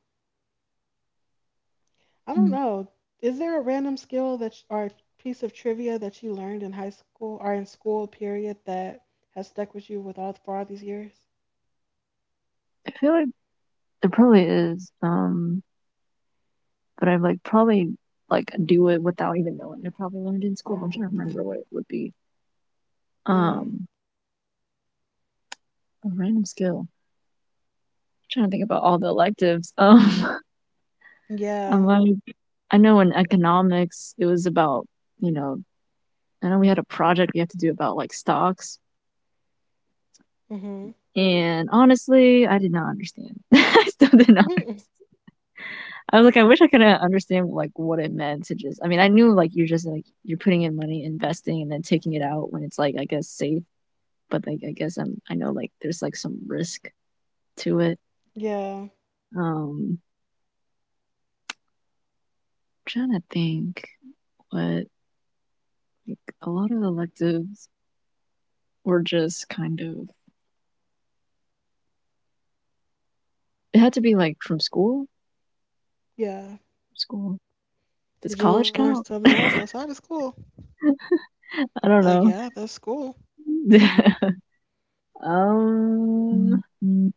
I don't Mm. know. Is there a random skill that sh- or piece of trivia that you learned in high school or in school period that has stuck with you with all for all these years? I feel like there probably is, um, but I like probably like do it without even knowing. I probably learned in school. I'm trying to remember what it would be. Mm. Um, a random skill. I'm trying to think about all the electives. Um, I'm Yeah. like, I know in economics it was about you know I know we had a project we had to do about like stocks. Mhm. And honestly, I did not understand. I still did not understand. Mhm. I was like, I wish I could understand like what it meant to just. I mean, I knew like you're just like you're putting in money, investing, and then taking it out when it's like I guess safe. But like I guess I'm I know like there's like some risk to it. Yeah, Um, I'm trying to think, what like, a lot of electives were just kind of it had to be like from school. yeah. School. Does Did you learn college something count? else outside of I school? Uh, yeah, don't that's school. know. Um, Mm, mm.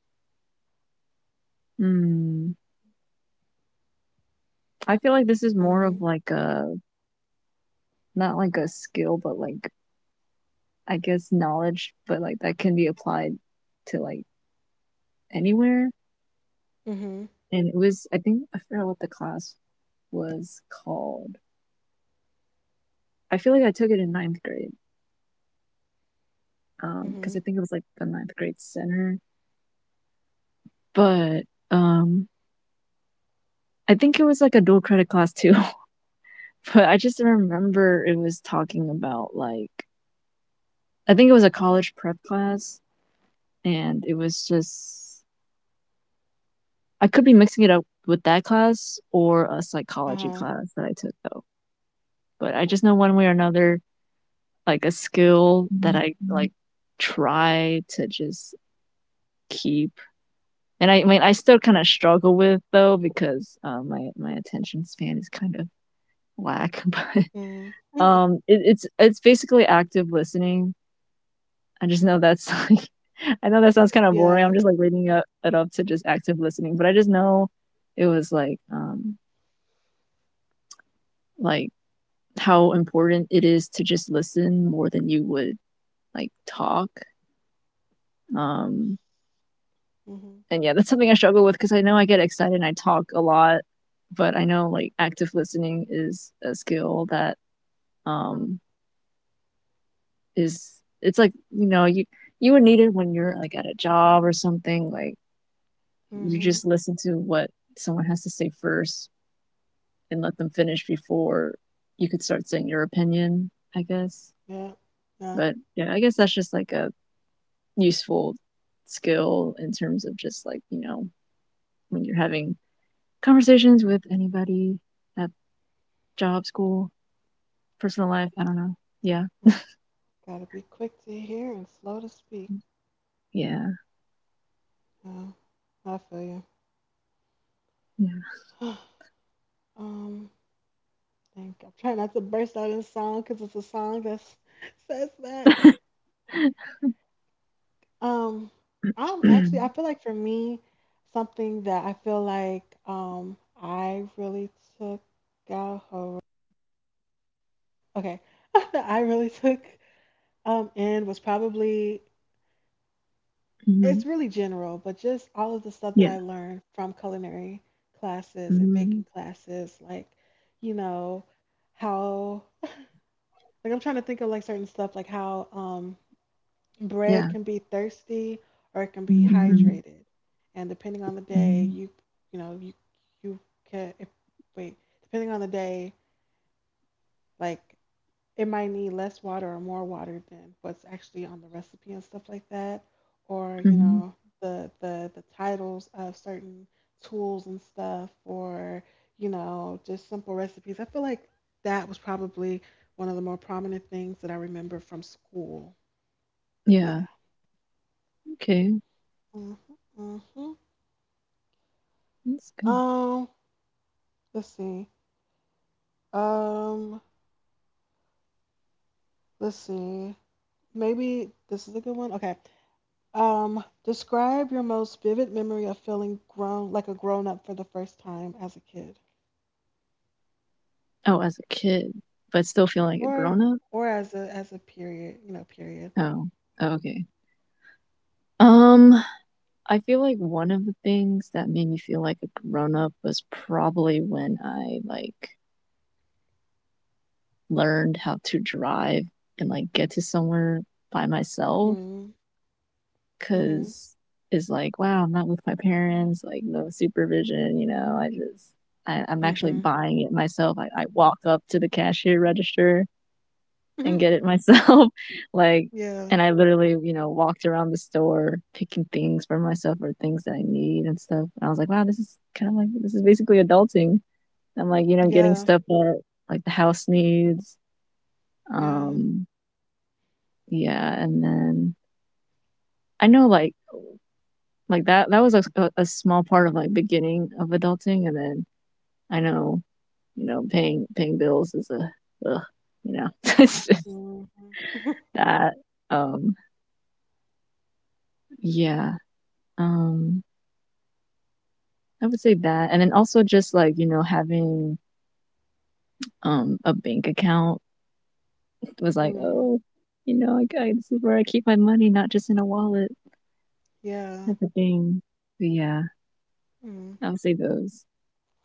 hmm. I feel like this is more Mhm, of like a not like a skill, but like I guess knowledge, but like that can be applied to like anywhere. mhm, And it was, I think, I forgot what the class was called. I feel like I took it in ninth grade, um, because I mhm. think it was like the ninth grade center. But um, I think it was like a dual credit class too. But I just remember it was talking about like I think it was a college prep class and it was just I could be mixing it up with that class or a Uh psychology huh. class that I took though. But I just know one way or another, like a skill that I like try to just keep. And I, I mean, I still kind of struggle with though because um, my my attention span is kind of whack. Mhm. But Mm. um, it, it's it's basically active listening. I just know that's like, I know that sounds kind of boring. Yeah. I'm just like reading it up to just active listening. But I just know it was like um like how important it is to just listen more than you would like talk. Um, Mhm. and yeah, that's something I struggle with because I know I get excited and I talk a lot, but I know like active listening is a skill that um is it's like you know you you would need it when you're like at a job or something like you Mhm. just listen to what someone has to say first and let them finish before you could start saying your opinion, I guess. Yeah. Yeah. But yeah, I guess that's just like a useful skill in terms of just like you know when you're having conversations with anybody at job, school, personal life. I don't know. Yeah, Mm. Gotta be quick to hear and slow to speak. yeah, Yeah, I feel you. yeah, um, think I'm trying not to burst out in song because it's a song that says that. Um, I'm actually, I feel like for me, something that I feel like um I really took out hold. Okay, I really took um in was probably it's hmm, really general, but just all of the stuff that yeah, I learned from culinary classes and hmm, baking classes, like you know how like I'm trying to think of like certain stuff like how um bread yeah, can be thirsty or it can be hmm, hydrated, and depending on the day you you know you you can if, wait depending on the day, like it might need less water or more water than what's actually on the recipe and stuff like that, or you hmm, know the the the titles of certain tools and stuff, or you know just simple recipes. I feel like that was probably one of the more prominent things that I remember from school. yeah. Yeah. Okay, Hmm. Hmm. that's good. Um, let's see. Um, let's see. Maybe this is a good one. Okay. Um, describe your most vivid memory of feeling grown, like a grown up for the first time as a kid, Oh, as a kid, but still feeling like a or grown up. or as a as a period. You know, period. Oh, oh, okay. Um, I feel like one of the things that made me feel like a grown up was probably when I like learned how to drive and like get to somewhere by myself Mm. Mhm. cuz it's like wow, I'm not with my parents, like no supervision, you know. I just I, I'm actually Mhm. buying it myself. I, I walk up to the cashier register and get Mhm. it myself. Like, Yeah. and I literally, you know, walked around the store picking things for myself or things that I need and stuff. And I was like, wow, this is kind of like, this is basically adulting. I'm like, you know, getting Yeah. stuff that like the house needs. Yeah. Um, yeah. And then I know like, like that, that was a, a small part of like beginning of adulting. And then I know, you know, paying, paying bills is a, ugh, you know, it's just Mhm. that. Um, yeah. Um, I would say that. And then also just like, you know, having um a bank account was like, Mm. oh, you know, I, I this is where I keep my money, not just in a wallet Yeah. type of thing. But yeah, Mm. I would say those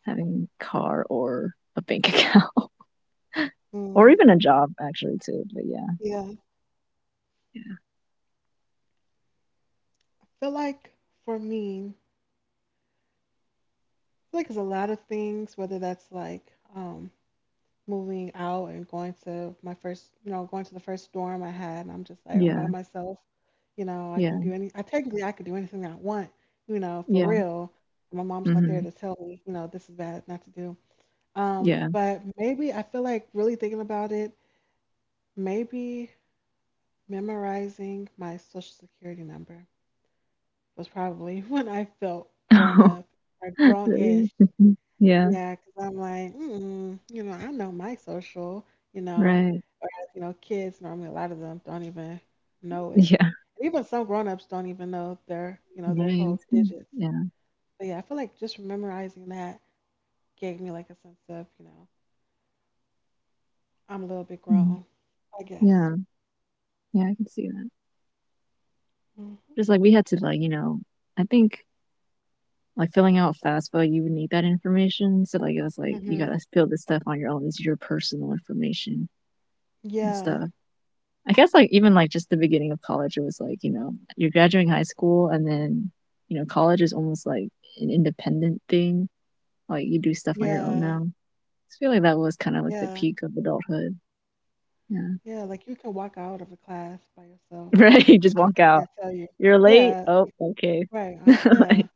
having a car or a bank account or Mm. even a job actually too. But yeah, Yeah. I feel like for me, I feel like there's a lot of things, whether that's like um moving out and going to my first, you know, going to the first dorm I had. And I'm just like, I'm by yeah, myself. You know, I yeah, can yeah, do any, I technically I could do anything I want, you know, for yeah, real. My mom's not there mm-hmm, to tell me, you know, this is bad, not to do. Um, yeah. But maybe I feel like really thinking about it, maybe memorizing my social security number was probably when I felt grown up or Oh, really? grown-ish. Yeah, Yeah, because 'cause I'm like, mm, you know, I know my social, you know, right. whereas, you know, kids normally a lot of them don't even know it. Yeah, And even some grown-ups don't even know their, you know, their right. whole digits. Yeah, But yeah, I feel like just memorizing that gave me like a sense of, you know, I'm a little bit mm, grown, I yeah, guess. yeah. I can see that. Hmm. Just like we had to like, you know, I think like filling out FAFSA, you would need that information. So like it was like you Hmm. gotta fill this stuff on your own. It's your personal information and Yeah, stuff. I guess like even like just the beginning of college, it was like, you know, you're graduating high school and then, you know, college is almost like an independent thing. Like you do stuff on your own yeah, now. I feel like that was kind of like the yeah, peak of adulthood. Yeah. yeah. Like you can walk out of a class by yourself. Right. You The just walk teacher out. can't tell you. You're late. Yeah, Oh, y- okay. right. Uh, yeah, Like,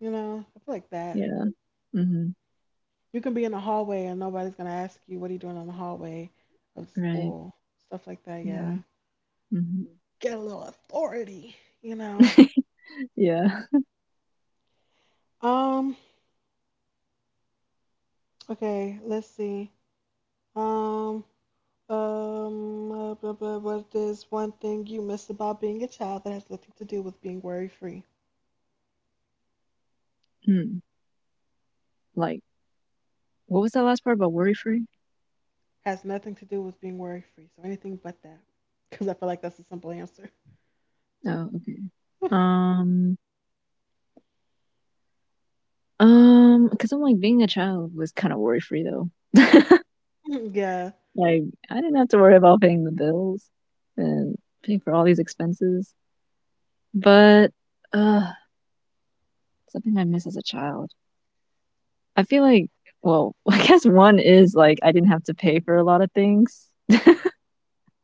you know, I feel like that. yeah. Hmm. You can be in the hallway and nobody's gonna ask you what are you doing in the hallway of Right. school, stuff like that. Yeah. Yeah, Hmm. get a little authority, you know. Yeah. Um. Okay. Let's see. Um. Um. Uh, blah, blah, what is one thing you miss about being a child that has nothing to do with being worry free? Hmm. Like, what was that last part about worry free? Has nothing to do with being worry free. So anything but that, because I feel like that's a simple answer. Oh, okay. Um, um, because I'm like being a child was kind of worry free though. Yeah. Like, I didn't have to worry about paying the bills and paying for all these expenses. But uh, something I miss as a child. I feel like, well, I guess one is like I didn't have to pay for a lot of things.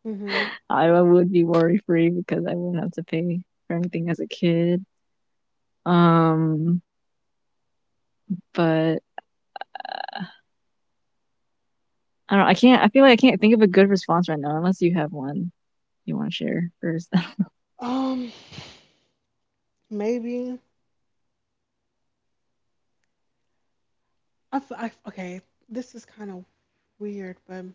Mhm. I would be worry free because I wouldn't have to pay for anything as a kid. Um, but I don't. I can't. I feel like I can't think of a good response right now, unless you have one you want to share first. Um. Maybe I, f- I f- okay. This is kind of weird, but I feel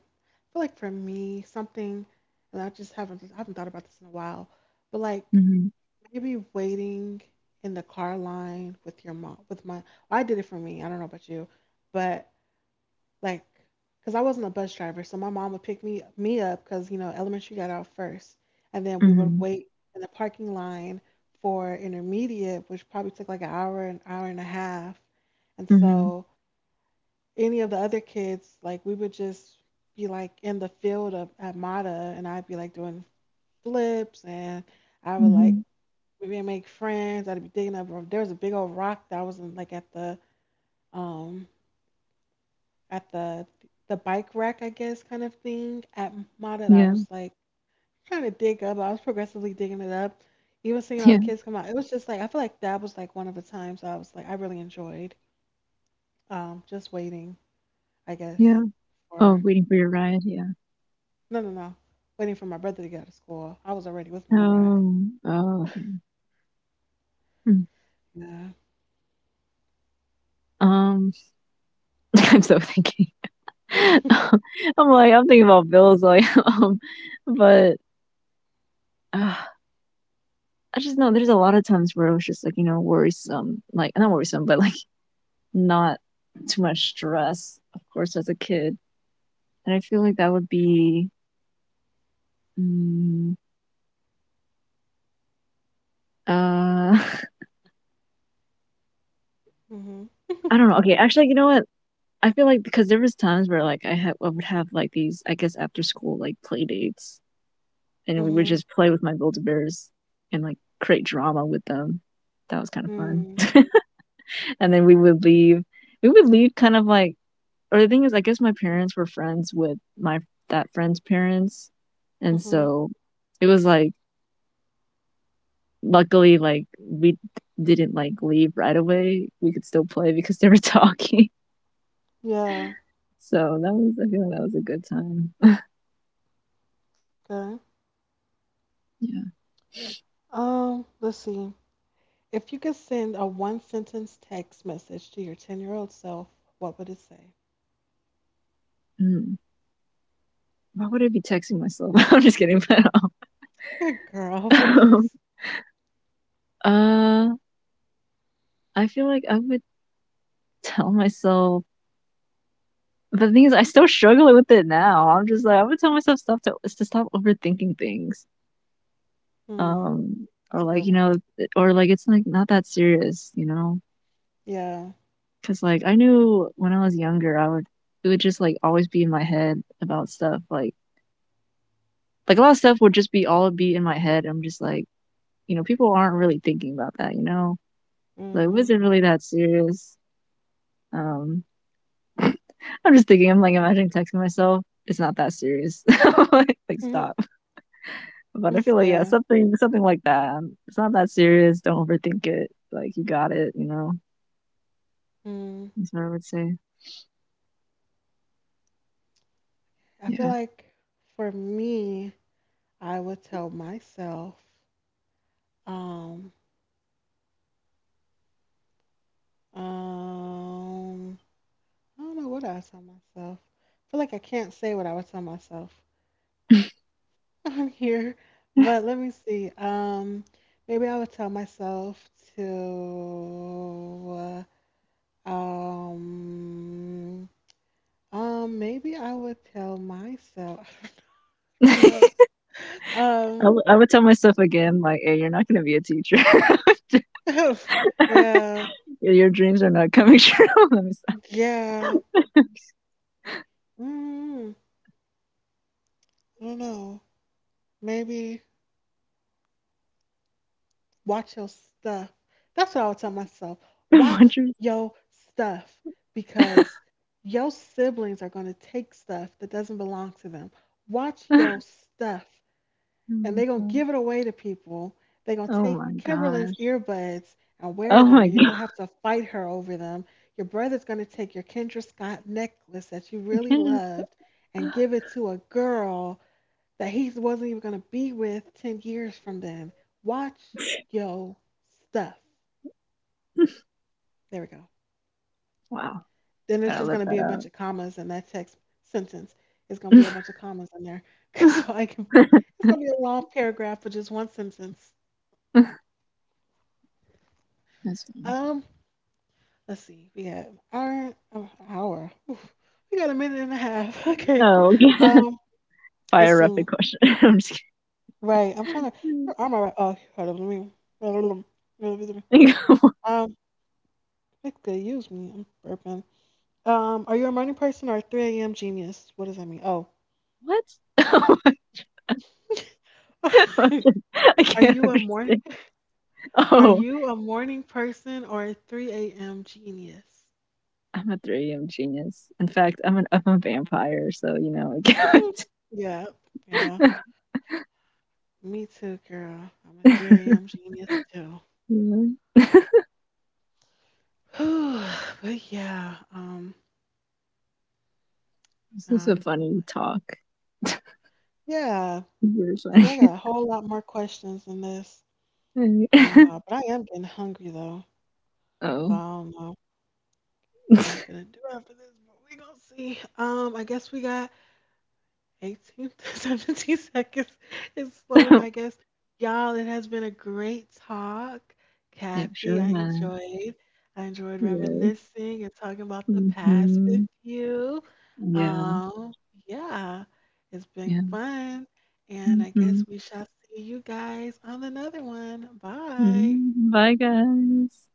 like for me, something, and I just haven't I haven't thought about this in a while, but like Hmm. maybe waiting in the car line with your mom, with my, well, I did it for me. I don't know about you, but like, cause I wasn't a bus driver, so my mom would pick me me up, cause you know elementary got out first, and then we would Hmm. wait in the parking line for intermediate, which probably took like an hour, an hour and a half, and Hmm. so any of the other kids, like we would just be like in the field of at Mata, and I'd be like doing flips, and I would like Hmm. we would make friends. I'd be digging up. There was a big old rock that was in, like at the um at the the bike rack, I guess, kind of thing at Mata, that I Yeah. was like trying to dig up. I was progressively digging it up, even seeing all the Yeah. kids come out. It was just like I feel like that was like one of the times I was like I really enjoyed um just waiting, I guess, Yeah. Oh, for. waiting for your ride. Yeah. No, no, no. Waiting for my brother to get out of school. I was already with my ride. Oh. Oh. Okay. Mm. Yeah. Um. I'm so thinking. I'm like, I'm thinking about bills, like, um, but uh, I just know there's a lot of times where it was just like, you know, worrisome, like not worrisome, but like not too much stress, of course, as a kid. And I feel like that would be, mm, uh, Mm-hmm. I don't know. Okay, actually, you know what? I feel like because there was times where like I had I would have like these, I guess, after school like play dates, and we would Mm-hmm. just play with my Build-A-Bears and like create drama with them. That was kind of fun. Mm, And then we would leave. We would leave kind of like, or the thing is, I guess my parents were friends with my that friend's parents, and Mm-hmm. so it was like luckily like we didn't like leave right away. We could still play because they were talking. Yeah. So that was I feel like that was a good time. Okay. Yeah. Um, let's see. If you could send a one sentence text message to your ten year old self, what would it say? Mm. Why would I be texting myself? I'm just kidding. But Good girl, um, please. uh, I feel like I would tell myself. But the thing is, I still struggle with it now. I'm just like I would tell myself stuff to to stop overthinking things, Hmm. um, or That's a like good you one. know, or like it's like not that serious, you know, Yeah. because like I knew when I was younger, I would it would just like always be in my head about stuff like like a lot of stuff would just be all be in my head. I'm just like you know, people aren't really thinking about that, you know, like Mm-hmm. was it really that serious? Um, I'm just thinking, I'm like imagining texting myself. It's not that serious. like like Mm-hmm. stop. But I feel like yeah, Yeah. something something like that. Um, It's not that serious. Don't overthink it. Like you got it. You know. Mm. That's what I would say. I feel Yeah. like for me, I would tell myself, um, Um, I don't know what I would tell myself. I feel like I can't say what I would tell myself. I'm here, but let me see. Um, maybe I would tell myself to. Uh, Um, um, maybe I would tell myself. No. I Um. would- I would tell myself again, like, hey, you're not gonna be a teacher. Yeah. Your your dreams are not coming true. Let me stop. Yeah. Mm, I don't know. Maybe. Watch your stuff. That's what I would tell myself. What Watch you- your stuff because your siblings are going to take stuff that doesn't belong to them. Watch your stuff and they're going to give it away to people. They're going to Oh my take Kimberly's gosh. earbuds and Oh wear them, my and gosh. Oh you're my going god. to have to fight her over them. Your brother's going to take your Kendra Scott necklace that you I really can't loved and give it to a girl that he wasn't even going to be with ten years from then. Watch yo stuff. just. There we go. Wow. Then it's Gotta just going let to be that a bunch out. of commas in that text sentence. It's going to be a bunch of commas in there. So I can, it's going to be a long paragraph for just one sentence. That's funny. Um, let's see. We have our oh, hour. Oof. We got a minute and a half. Okay. Oh, okay. Um, let's Fire up a see. question. I'm just Right. I'm trying to. Where are my? Oh, hold on. Let me. kidding. Um, Excuse me. I'm burping. Um, are you a morning person or a three a m genius? What does that mean? Oh. What? I Are can't you a morning understand. are Oh, you a morning person or a three a m genius? I'm a three a m genius. In fact, I'm an I'm a vampire, so you know I Yeah, yeah. can't. Me too, girl. I'm a 3 a.m. genius too. Yeah, Whew, but yeah, um, this is a um, I'm funny like, talk. yeah. Very See, funny. I got a whole lot more questions than this. I don't know, but I am getting hungry though, so Oh, I don't know what I'm gonna do after this. But we gonna see. Um, I guess we got eighteen to seventeen seconds is slowly, I guess. Y'all, it has been a great talk. it Kathy, sure I has. enjoyed. I enjoyed Yes. reminiscing and talking about the past with Hmm. you. Yeah. Um, yeah, it's been Yeah. fun. And I Hmm. guess we shall see you guys on another one. Bye. Bye, guys.